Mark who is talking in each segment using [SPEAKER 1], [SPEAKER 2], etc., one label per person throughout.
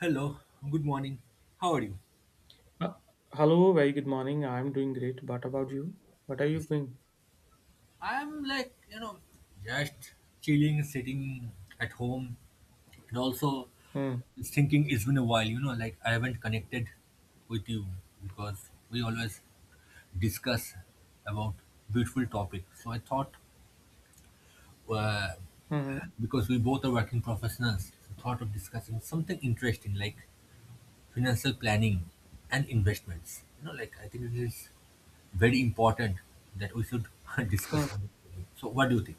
[SPEAKER 1] Hello, good morning. How are you?
[SPEAKER 2] Uh, Hello, very good morning. I'm doing great. What about you? What are you
[SPEAKER 1] Yes.
[SPEAKER 2] doing?
[SPEAKER 1] I'm like, you know, just chilling, sitting at home, and also
[SPEAKER 2] Hmm.
[SPEAKER 1] thinking it's been a while, you know, like I haven't connected with you because we always discuss about beautiful topics. So I thought, uh,
[SPEAKER 2] Hmm.
[SPEAKER 1] because we both are working professionals, I thought of discussing something interesting like financial planning and investments. You know, like I think it is very important that we should discuss
[SPEAKER 2] Hmm.
[SPEAKER 1] on it today. So, what do you think?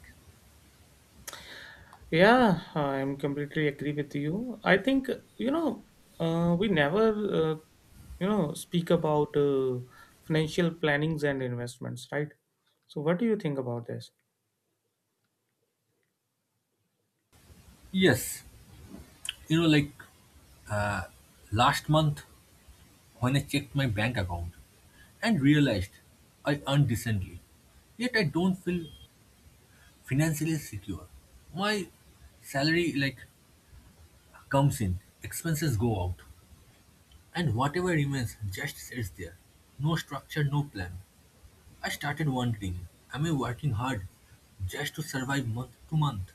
[SPEAKER 2] Yeah, I'm completely agree with you. I think you know we never uh, speak about financial plannings and investments, right? So what do you think about this?
[SPEAKER 1] Yes, you know, like last month when I checked my bank account and realized I earned decently, yet I don't feel financially secure. My salary like comes in, expenses go out, and whatever remains just sits there. No structure, no plan. I started wondering, am I working hard just to survive month to month?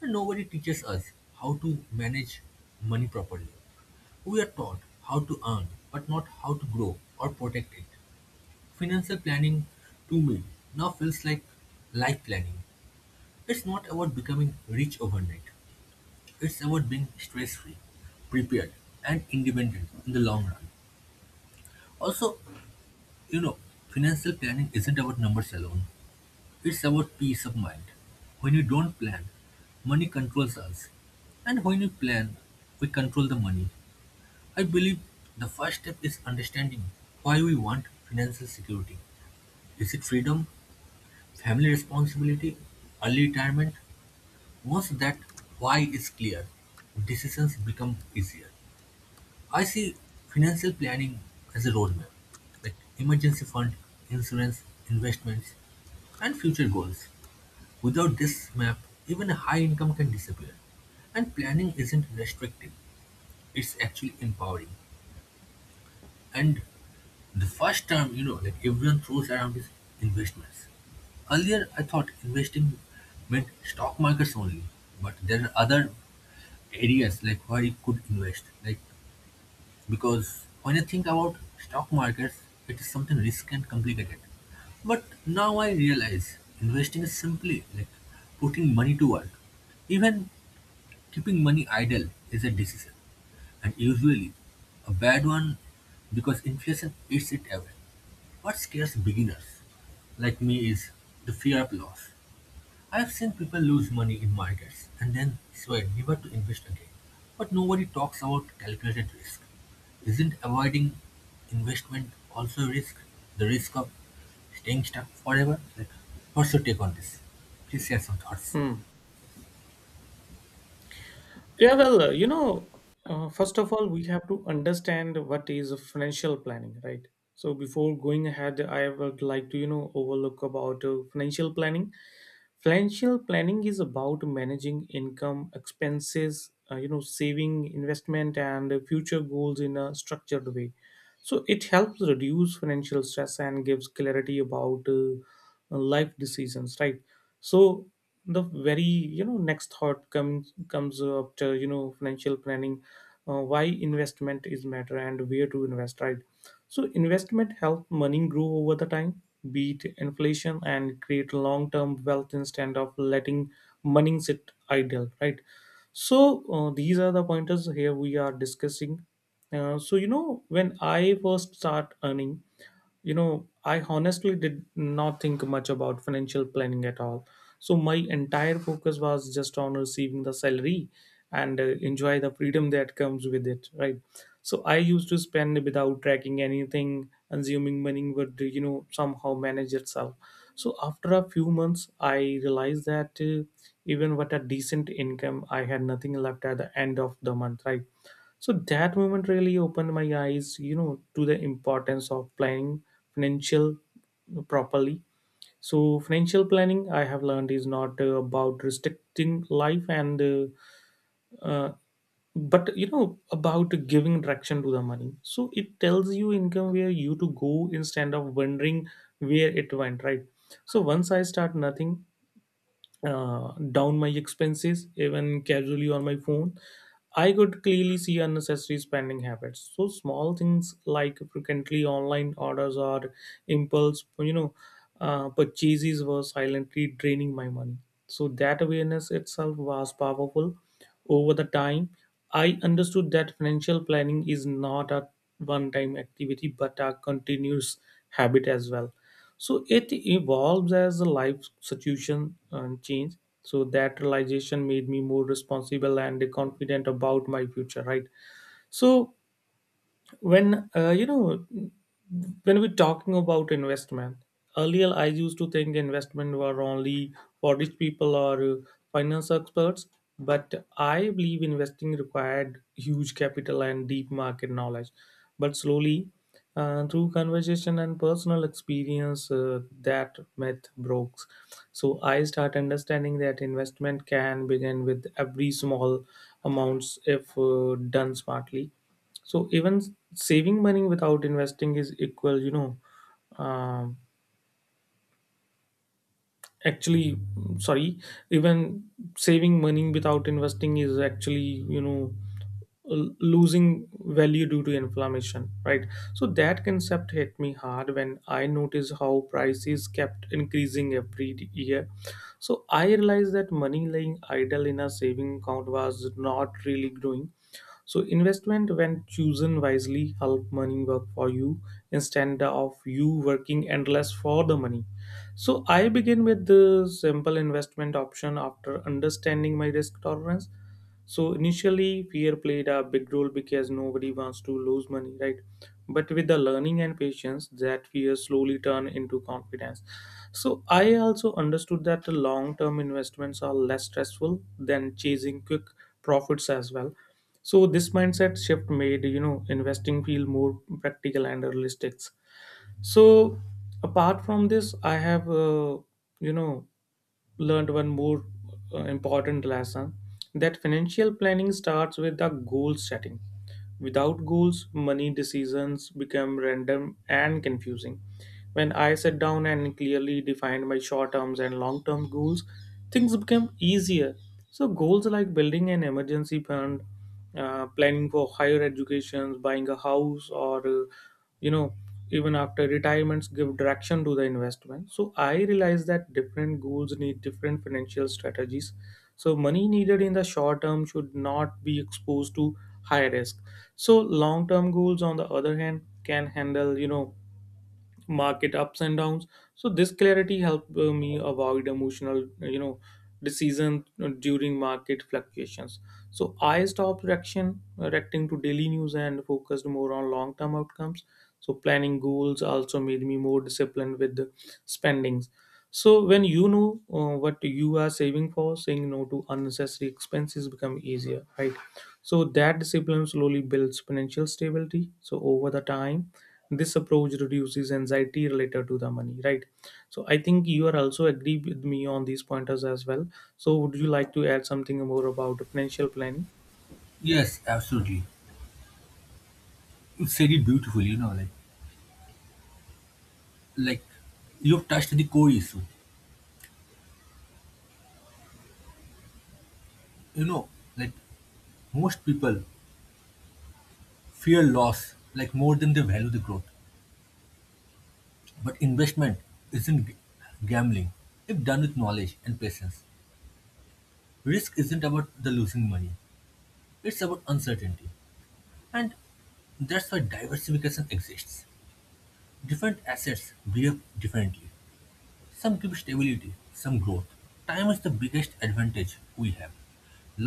[SPEAKER 1] And nobody teaches us how to manage money properly. We are taught how to earn, but not how to grow or protect it. Financial planning, to me, now feels like life planning. It's not about becoming rich overnight, it's about being stress free, prepared, and independent in the long run. Also, you know, financial planning isn't about numbers alone, it's about peace of mind. When we don't plan, money controls us. And when we plan, we control the money. I believe the first step is understanding why we want financial security. Is it freedom, family responsibility, early retirement? Once that why is clear, decisions become easier. I see financial planning as a roadmap, like emergency fund, insurance, investments, and future goals. Without this map, even a high income can disappear. And planning isn't restrictive, it's actually empowering. And the first term, you know, like everyone throws around is investments. Earlier, I thought investing meant stock markets only, but there are other areas like where you could invest. Like because when I think about stock markets, it is something risky and complicated. But now I realize investing is simply like putting money to work. Even keeping money idle is a decision, and usually a bad one because inflation eats it away. What scares beginners like me is the fear of loss. I have seen people lose money in markets and then swear never to invest again. But nobody talks about calculated risk. Isn't avoiding investment also a risk? The risk of staying stuck forever? Like, what's your take on this? Please share some thoughts.
[SPEAKER 2] Hmm. Yeah, well, first of all, we have to understand what is financial planning, right? So before going ahead, I would like to, you know, overlook about financial planning. Financial planning is about managing income, expenses, you know, saving, investment, and future goals in a structured way. So it helps reduce financial stress and gives clarity about life decisions, right? So the very you know next thought comes after you know financial planning, why investment is matter and where to invest, right? So investment help money grow over the time, beat inflation and create long-term wealth instead of letting money sit idle, right? So these are the pointers here we are discussing. So you know when I first start earning, you know I honestly did not think much about financial planning at all. So my entire focus was just on receiving the salary and enjoy the freedom that comes with it, right? So I used to spend without tracking anything, assuming money would you know somehow manage itself. So after a few months I realized that even with a decent income I had nothing left at the end of the month, right? So that moment really opened my eyes, you know, to the importance of planning financial properly. So financial planning, I have learned, is not about restricting life and, uh, but you know, about giving direction to the money. So it tells you income where you to go instead of wondering where it went, right? So once I start nothing, down my expenses even casually on my phone, I could clearly see unnecessary spending habits. So small things like frequently online orders or impulse purchases were silently draining my money. So that awareness itself was powerful. Over the time I understood that financial planning is not a one time activity but a continuous habit as well. So it evolves as the life situation change. So that realization made me more responsible and confident about my future, right? So when when we're talking about investment, earlier I used to think investment were only for rich people or finance experts. But I believe investing required huge capital and deep market knowledge. But slowly, through conversation and personal experience, that myth broke. So I start understanding that investment can begin with every small amounts if done smartly. So even saving money without investing is equal, you know. Um, actually, sorry, Even saving money without investing is actually, you know, losing value due to inflammation, right? So that concept hit me hard when I noticed how prices kept increasing every year. So I realized that money lying idle in a saving account was not really growing. So investment, when chosen wisely, help money work for you instead of you working endless for the money. So I begin with the simple investment option after understanding my risk tolerance. So initially, fear played a big role because nobody wants to lose money, right? But with the learning and patience, that fear slowly turned into confidence. So I also understood that the long-term investments are less stressful than chasing quick profits as well. So this mindset shift made you know investing feel more practical and realistic. So apart from this, I have you know learned one more important lesson that financial planning starts with the goal setting. Without goals, money decisions become random and confusing. When I sat down and clearly defined my short term and long term goals, things become easier. So, goals like building an emergency fund, planning for higher education, buying a house, or you know even after retirements give direction to the investment. So I realize that different goals need different financial strategies. So money needed in the short term should not be exposed to high risk. So long term goals on the other hand can handle you know market ups and downs. So this clarity helped me avoid emotional you know decision during market fluctuations. So I stopped reaction reacting to daily news and focused more on long term outcomes. So planning goals also made me more disciplined with the spendings. So when you know what you are saving for, saying no to unnecessary expenses become easier, right? So that discipline slowly builds financial stability. So over the time this approach reduces anxiety related to the money, right? So I think you are also agree with me on these pointers as well. So would you like to add something more about financial planning?
[SPEAKER 1] Yes, absolutely. You said it beautifully, you know, like you've touched the core issue, you know, like most people fear loss like more than they value the growth. But investment isn't gambling if done with knowledge and patience. Risk isn't about the losing money, it's about uncertainty, and that's why diversification exists. Different assets behave differently, some give stability, some growth. Time is the biggest advantage we have.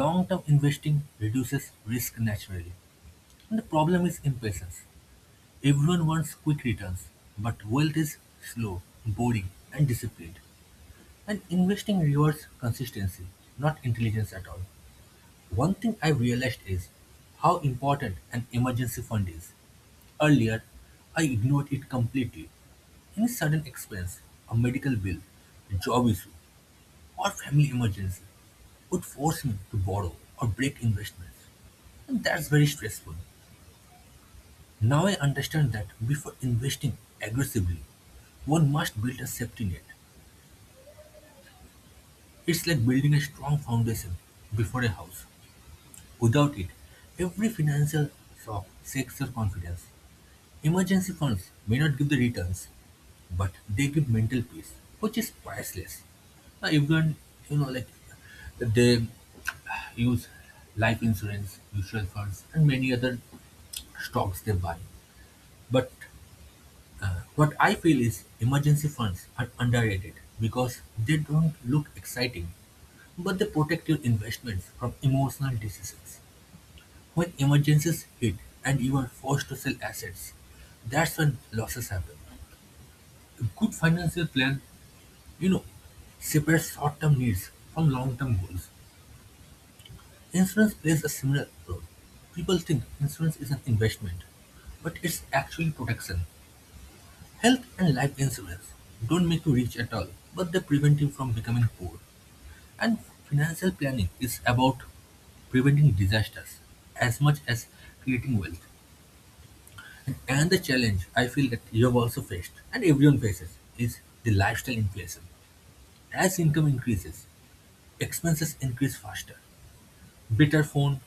[SPEAKER 1] Long-term investing reduces risk naturally, and the problem is impatience. Everyone wants quick returns, but wealth is slow, boring, and disciplined. And investing rewards consistency, not intelligence at all. One thing I've realized is how important an emergency fund is. Earlier, I ignored it completely. Any sudden expense, a medical bill, a job issue, or family emergency would force me to borrow or break investments. And that's very stressful. Now I understand that before investing aggressively, one must build a safety net. It's like building a strong foundation before a house. Without it, every financial shock shakes your confidence. Emergency funds may not give the returns, but they give mental peace, which is priceless. Now, everyone, you know, like they use life insurance, mutual funds, and many other stocks they buy. But what I feel is emergency funds are underrated because they don't look exciting, but they protect your investments from emotional decisions. When emergencies hit and you are forced to sell assets, that's when losses happen. A good financial plan, you know, separates short-term needs from long-term goals. Insurance plays a similar role. People think insurance is an investment, but it's actually protection. Health and life insurance don't make you rich at all, but they prevent you from becoming poor. And financial planning is about preventing disasters as much as creating wealth. And the challenge I feel that you have also faced, and everyone faces, is the lifestyle inflation. As income increases, expenses increase faster. Better phone,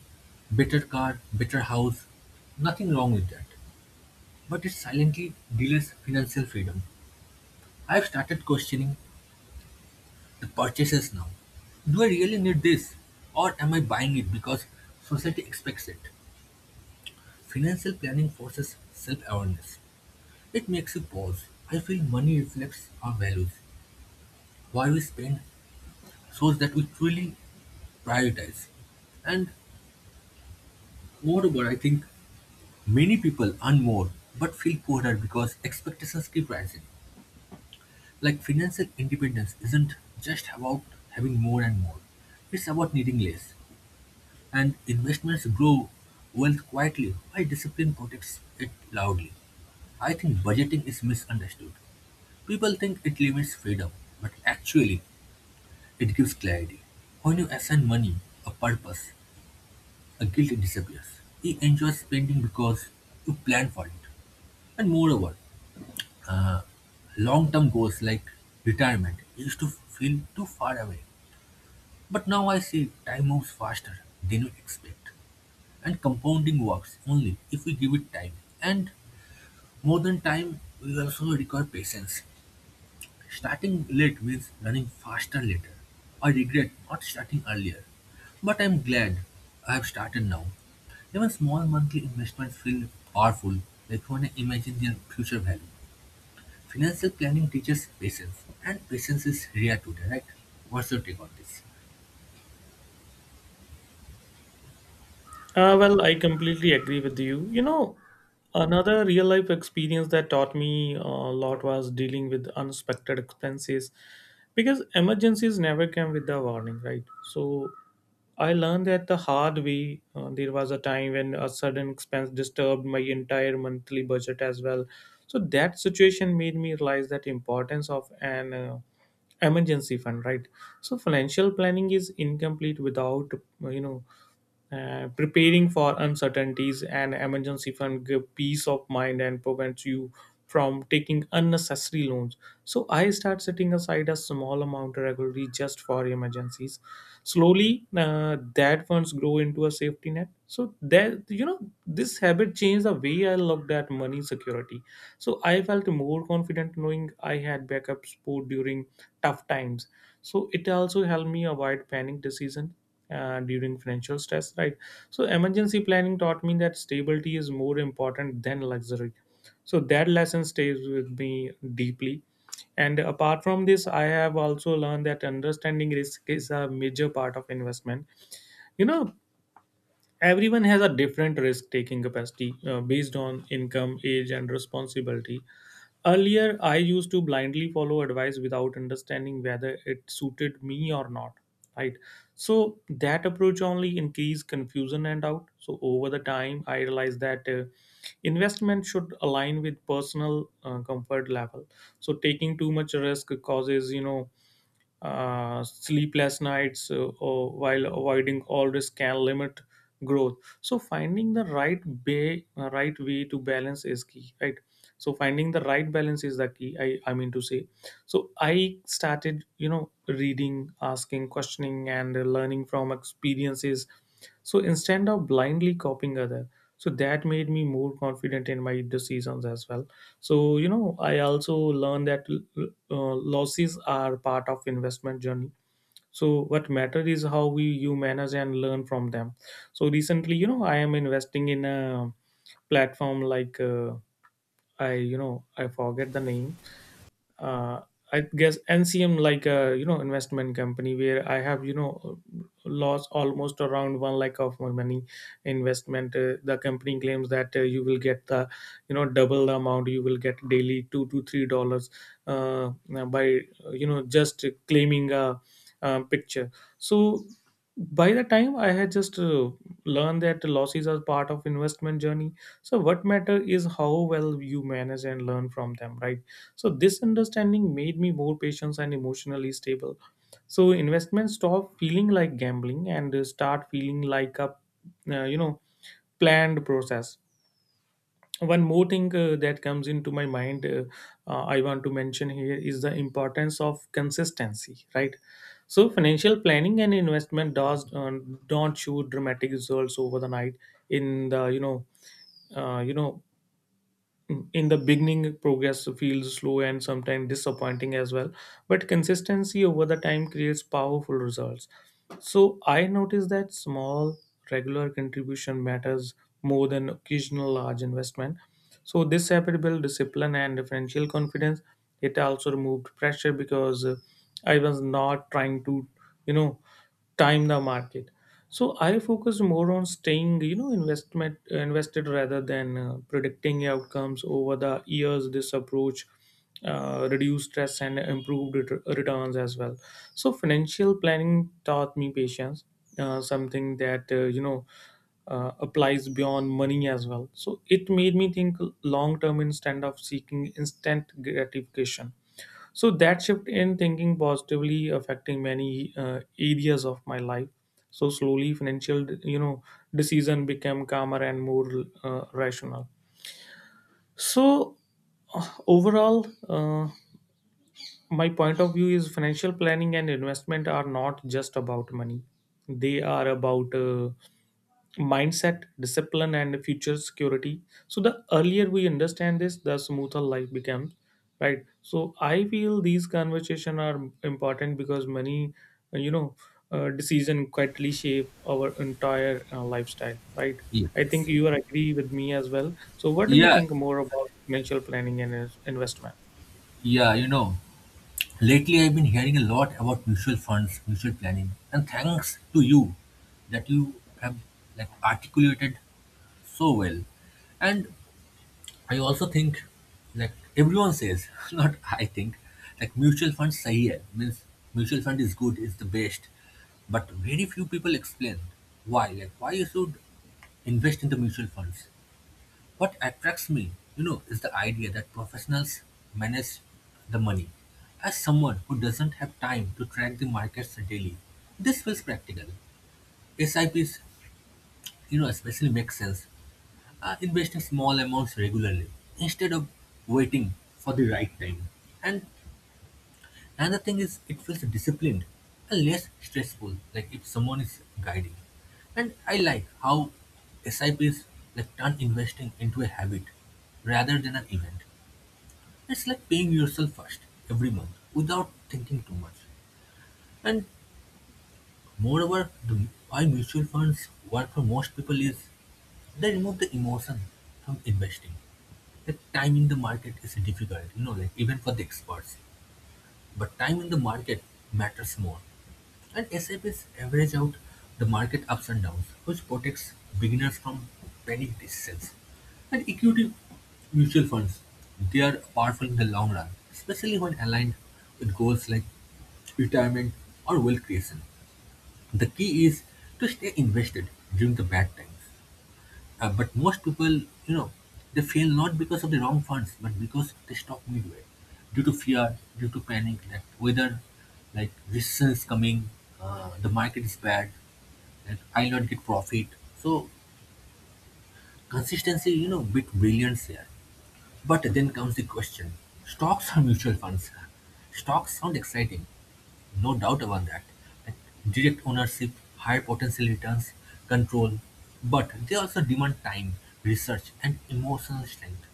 [SPEAKER 1] better car, better house, nothing wrong with that. But it silently delays financial freedom. I've started questioning the purchases now. Do I really need this? Or am I buying it because society expects it? Financial planning forces self awareness. It makes you pause. I feel money reflects our values. Why we spend shows that we truly prioritize. And moreover, I think many people earn more but feel poorer because expectations keep rising. Like financial independence isn't just about having more and more, it's about needing less. And investments grow wealth quietly while discipline protects it loudly. I think budgeting is misunderstood. People think it limits freedom, but actually, it gives clarity. When you assign money a purpose, a guilt disappears. You enjoy spending because you plan for it. And moreover, uh, long term goals like retirement used to feel too far away. But now I see time moves faster than we expect, and compounding works only if we give it time. And more than time we also require patience. Starting late means running faster later. I regret not starting earlier, but I'm glad I have started now. Even small monthly investments feel powerful, like when I imagine their future value. Financial planning teaches patience, and patience is rare today, right? What's your take on this?
[SPEAKER 2] Well, I completely agree with you, you know. Another real life experience that taught me a lot was dealing with unexpected expenses, because emergencies never come with a warning, right? So I learned that the hard way. There was a time when a sudden expense disturbed my entire monthly budget as well. So that situation made me realize that importance of an emergency fund, right? So financial planning is incomplete without you know preparing for uncertainties, and emergency fund give peace of mind and prevents you from taking unnecessary loans. So I start setting aside a small amount regularly just for emergencies. Slowly, that funds grow into a safety net. So that you know, this habit changed the way I looked at money security. So I felt more confident knowing I had backup support during tough times. So it also helped me avoid panic decision during financial stress, right? So emergency planning taught me that stability is more important than luxury. So that lesson stays with me deeply. And apart from this, I have also learned that understanding risk is a major part of investment, you know. Everyone has a different risk taking capacity based on income, age and responsibility. Earlier, I used to blindly follow advice without understanding whether it suited me or not. Right. So that approach only increased confusion and doubt. So over the time, I realized that investment should align with personal comfort level. So taking too much risk causes, you know, sleepless nights, or while avoiding always can limit growth. So finding the right way to balance is key, right? So finding the right balance is the key, I mean to say. So I started you know reading, asking, questioning and learning from experiences. So instead of blindly copying other, so that made me more confident in my decisions as well. So you know I also learned that losses are part of investment journey. So what matter is how we you manage and learn from them. So recently, you know, I am investing in a platform like I forget the name. uh, I guess NCM, like a you know investment company, where I have you know lost almost around one lakh of my money investment. The company claims that you will get the you know double the amount. You will get daily $2 to $3, uh, by you know just claiming a, picture. So by the time I had just learned that losses are part of investment journey. So what matter is how well you manage and learn from them, right? So this understanding made me more patient and emotionally stable. So investments stop feeling like gambling and start feeling like a uh, you know planned process. One more thing that comes into my mind, I want to mention here is the importance of consistency, right? So financial planning and investment does don't show dramatic results over the night. In the you know uh, you know in the beginning progress feels slow and sometimes disappointing as well, but consistency over the time creates powerful results. So I noticed that small regular contribution matters more than occasional large investment. So this habit built discipline and financial confidence. It also removed pressure because I was not trying to you know time the market. So I focus more on staying you know investment invested rather than predicting outcomes. Over the years this approach reduced stress and improved returns as well. So financial planning taught me patience, something that applies beyond money as well. So it made me think long term instead of seeking instant gratification. So that shift in thinking positively affecting many areas of my life. So slowly, financial you know decision became calmer and more rational. So overall, my point of view is financial planning and investment are not just about money. They are about mindset, discipline, and future security. So the earlier we understand this, the smoother life becomes, right? So I feel these conversation are important because uh, you know, decision quietly shape our entire lifestyle, right? I think
[SPEAKER 1] Yes.
[SPEAKER 2] you are agree with me as well. So what do you
[SPEAKER 1] Yeah,
[SPEAKER 2] think more about financial planning and investment?
[SPEAKER 1] yeah, you know, lately I've been hearing a lot about mutual funds, mutual planning, and thanks to you that you have like articulated so well. And I also think like everyone says, not I think, like mutual funds sahi hai, means mutual fund is good, is the best. But very few people explain why, like why you should invest in the mutual funds. What attracts me, you know, is the idea that professionals manage the money. As someone who doesn't have time to track the markets daily, this feels practical. SIPs, you know, especially make sense. Investing small amounts regularly instead of waiting for the right time. And another thing is, it feels disciplined and less stressful, like if someone is guiding. And I like how SIPs like turn investing into a habit rather than an event. It's like paying yourself first every month without thinking too much. And moreover, the why mutual funds work for most people is they remove the emotion from investing. The time in the market is difficult, you know, like even for the experts. But time in the market matters more. And SAPs average out the market ups and downs, which protects beginners from panic decisions. And equity mutual funds, they are powerful in the long run, especially when aligned with goals like retirement or wealth creation. The key is to stay invested during the bad times. But most people, you know, they fail not because of the wrong funds, but because they stop midway due to fear, due to panic that whether like recession is coming, the market is bad, that I'll not get profit. So consistency, you know, bit brilliance here. But then comes the question, stocks or mutual funds? Stocks sound exciting, no doubt about that. Like direct ownership, higher potential returns, control. But they also demand time, research, and emotional strength.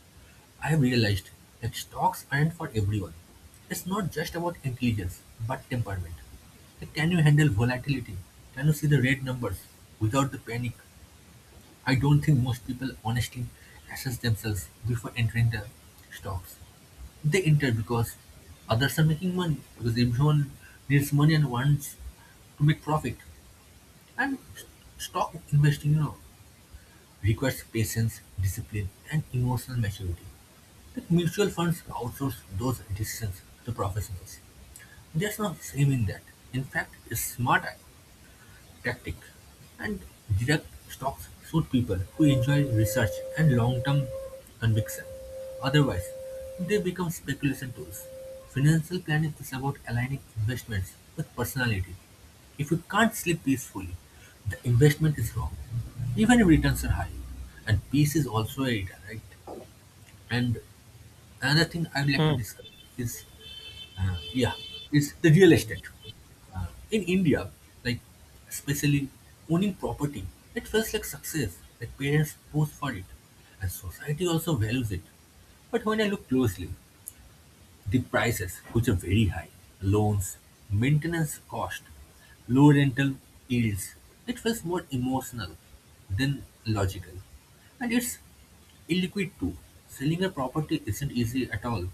[SPEAKER 1] I have realized that stocks aren't for everyone. It's not just about intelligence, but temperament. Like, can you handle volatility? Can you see the red numbers without the panic? I don't think most people honestly assess themselves before entering the stocks. They enter because others are making money, because everyone needs money and wants to make profit. And stock investing, you know, requires patience, discipline, and emotional maturity. But mutual funds outsource those decisions to professionals. There's no shame in that. In fact, it's smarter tactic, and direct stocks suit people who enjoy research and long-term conviction. Otherwise, they become speculation tools. Financial planning is about aligning investments with personality. If you can't sleep peacefully, the investment is wrong, even if returns are high. And peace is also a return, right? And another thing I'd like to
[SPEAKER 2] Hmm.
[SPEAKER 1] discuss is uh, yeah, it's the real estate. In India, like especially owning property, it feels like success. Like parents pose for it, and society also values it. But when I look closely, the prices, which are very high, loans, maintenance cost, low rental yields, it feels more emotional than logical. And it's illiquid too. Selling a property isn't easy at all.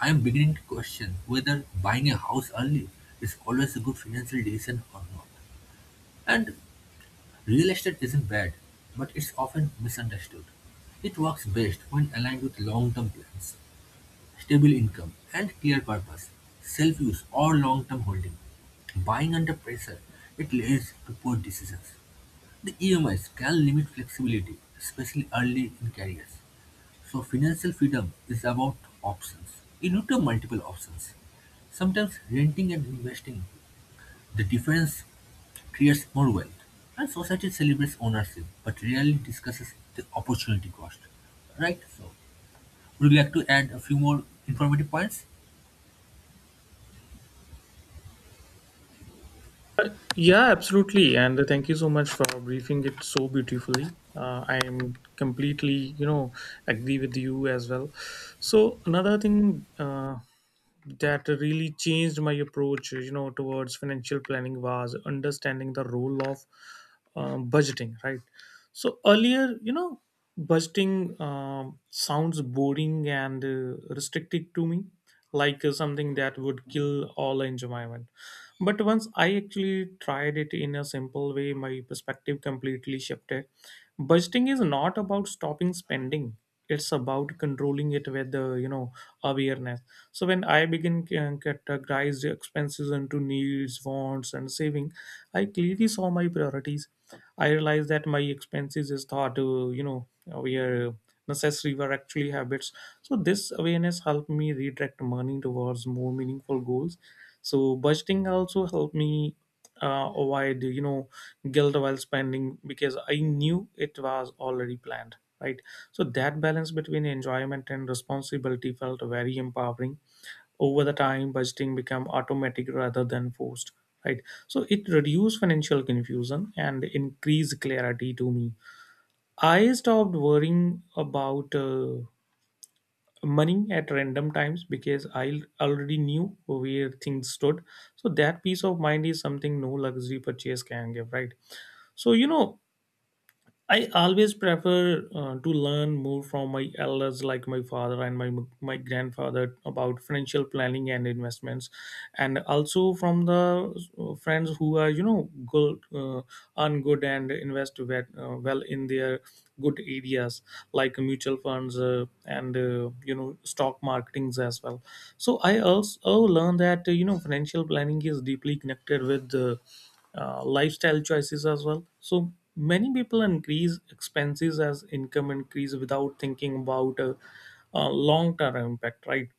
[SPEAKER 1] I'm beginning to question whether buying a house early is always a good financial decision or not. And real estate isn't bad, but it's often misunderstood. It works best when aligned with long term plans, stable income, and clear purpose, self use, or long term holding. Buying under pressure, it leads to poor decisions. The EMIs can limit flexibility, especially early in careers. So financial freedom is about options. You need to have multiple options. Sometimes renting and investing, the difference creates more wealth. And society celebrates ownership, but rarely discusses the opportunity cost. Right? So would you like to add a few more informative points?
[SPEAKER 2] Yeah, absolutely. And thank you so much for briefing it so beautifully. I am completely, agree with you as well. So another thing, that really changed my approach you know towards financial planning was understanding the role of budgeting, right? So earlier, you know, budgeting sounds boring and restricted to me, like something that would kill all enjoyment. But once I actually tried it in a simple way, my perspective completely shifted. Budgeting is not about stopping spending; it's about controlling it with the, you know, awareness. So when I begin can categorize the expenses into needs, wants, and saving, I clearly saw my priorities. I realized that my expenses is thought, were necessary were actually habits. So this awareness helped me redirect money towards more meaningful goals. So budgeting also helped me avoid, guilt while spending because I knew it was already planned, right? So that balance between enjoyment and responsibility felt very empowering. Over the time budgeting become automatic rather than forced, right? So it reduced financial confusion and increased clarity to me. I stopped worrying about money at random times because I already knew where things stood. So that peace of mind is something no luxury purchase can give, right? So, you know, I always prefer to learn more from my elders, like my father and my grandfather, about financial planning and investments, and also from the friends who are, you know, good, earn good and invest well, well in their good areas, like mutual funds and you know, stock marketings as well. So I also learned that, financial planning is deeply connected with lifestyle choices as well. So many people increase expenses as income increase without thinking about long-term impact, right?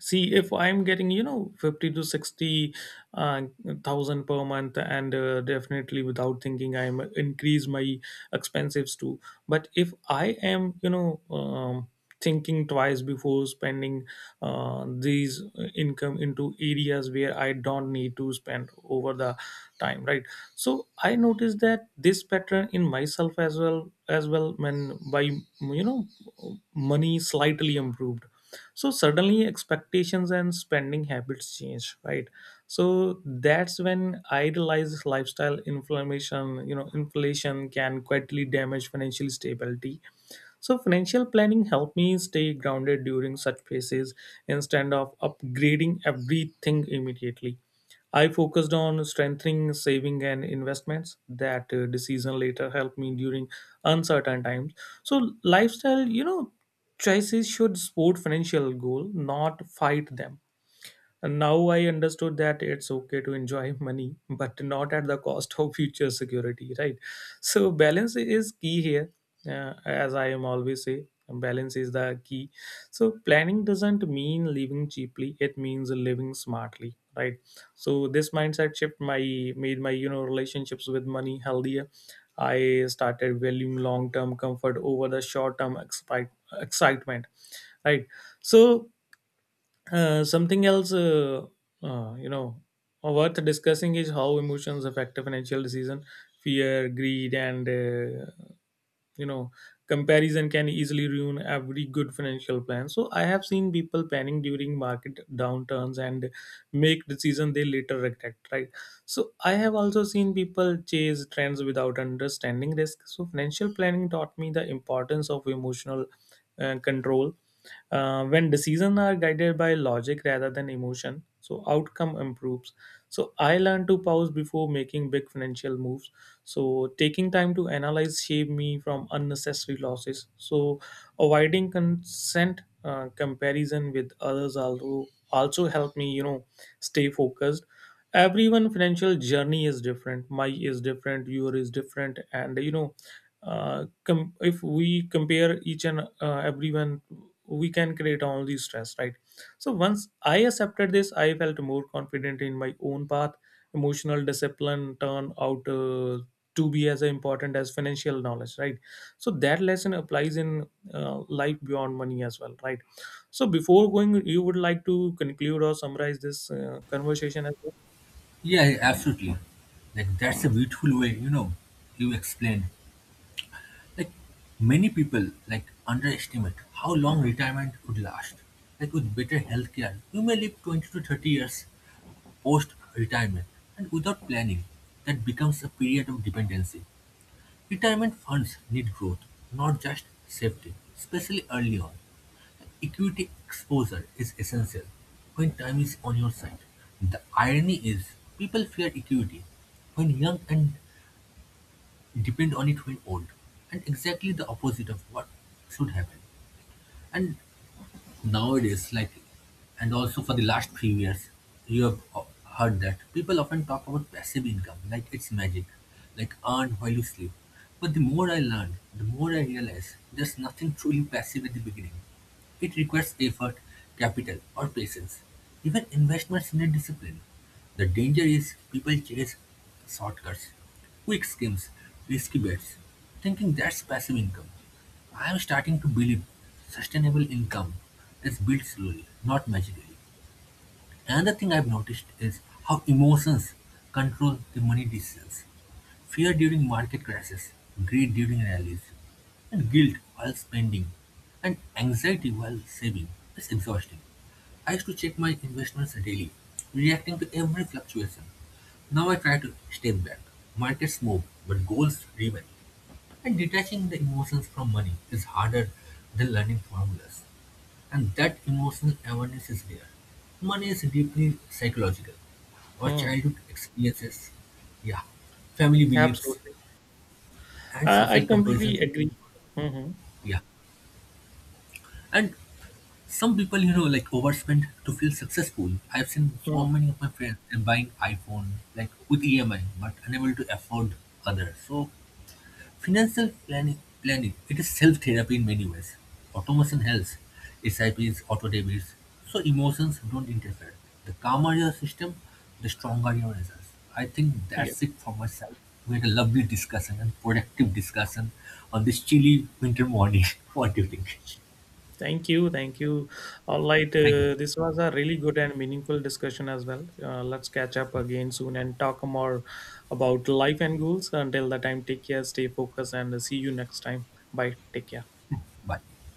[SPEAKER 2] See if I'm getting, you know, 50 to 60 uh, thousand per month, and definitely without thinking I'm increase my expenses too. But if I am, thinking twice before spending these income into areas where I don't need to spend over the time, right? So I noticed that this pattern in myself as well when by, you know, money slightly improved. So suddenly expectations and spending habits change, right? So that's when idealized lifestyle inflammation, you know, inflation can quietly damage financial stability. So financial planning helped me stay grounded during such phases, instead of upgrading everything immediately. I focused on strengthening saving and investments. That decision later helped me during uncertain times. So, lifestyle, you know, choices should support financial goal, not fight them. And now I understood that it's okay to enjoy money, but not at the cost of future security, right? So balance is key here, as I am always say. Balance is the key. So planning doesn't mean living cheaply; it means living smartly, right? So this mindset shift my made my, you know, relationships with money healthier. I started valuing long term comfort over the short term excitement, right? So something else, uh, you know, worth discussing is how emotions affect a financial decision. Fear, greed, and you know comparison can easily ruin every good financial plan. So I have seen people panic during market downturns and make decisions they later regret, right? So I have also seen people chase trends without understanding risk. So financial planning taught me the importance of emotional control. When decisions are guided by logic rather than emotion, so outcome improves. So I learned to pause before making big financial moves. So taking time to analyze saved me from unnecessary losses. So avoiding consent comparison with others also also helped me, you know, stay focused. Everyone financial journey is different. My is different. Your is different, and, you know, if we compare each and everyone, we can create only stress, right? So once I accepted this, I felt more confident in my own path. Emotional discipline turned out to be as important as financial knowledge, right? So that lesson applies in life beyond money as well, right? So before going, you would like to conclude or summarize this conversation as well?
[SPEAKER 1] Yeah, absolutely. Like that's a beautiful way, you know, you explained. Like many people like underestimate how long retirement would last. Like with better healthcare, you may live 20 to 30 years post-retirement, and without planning, that becomes a period of dependency. Retirement funds need growth, not just safety, especially early on. Equity exposure is essential when time is on your side. The irony is, people fear equity when young and depend on it when old, and exactly the opposite of what should happen. And nowadays, like, and also for the last few years, you have heard that people often talk about passive income, like it's magic, like earn while you sleep. But the more I learned, the more I realized there's nothing truly passive at the beginning. It requires effort, capital, or patience, even investments need discipline. The danger is people chase shortcuts, quick schemes, risky bets, thinking that's passive income. I'm starting to believe sustainable income is built slowly, not magically. Another thing I've noticed is how emotions control the money decisions. Fear during market crashes, greed during rallies, and guilt while spending, and anxiety while saving. It's exhausting. I used to check my investments daily, reacting to every fluctuation. Now I try to step back. Markets move, but goals remain. And detaching the emotions from money is harder than learning formulas. And that emotional awareness is rare. Money is deeply psychological. Our
[SPEAKER 2] Hmm,
[SPEAKER 1] childhood experiences, yeah, family beliefs,
[SPEAKER 2] absolutely.
[SPEAKER 1] and
[SPEAKER 2] I
[SPEAKER 1] social
[SPEAKER 2] completely
[SPEAKER 1] comparisons,
[SPEAKER 2] agree. Hmm, hmm.
[SPEAKER 1] yeah. And some people, you know, like overspend to feel successful. I've seen so
[SPEAKER 2] Hmm.
[SPEAKER 1] many of my friends they're buying iPhone, like with EMI, but unable to afford others. So financial planning it is self-therapy in many ways. Automation helps, SIPs, auto debits, so emotions don't interfere. The calmer your system, the stronger your results. I think
[SPEAKER 2] Yeah,
[SPEAKER 1] that's it for myself. We had a lovely discussion and productive discussion on this chilly winter morning. What do you think?
[SPEAKER 2] thank you, thank you. All right,
[SPEAKER 1] Thank you.
[SPEAKER 2] this was a really good and meaningful discussion as well. Let's catch up
[SPEAKER 1] Yeah,
[SPEAKER 2] again soon and talk more about life and goals. Until the time, take care, stay focused, and see you next time. Bye, take care.
[SPEAKER 1] bye.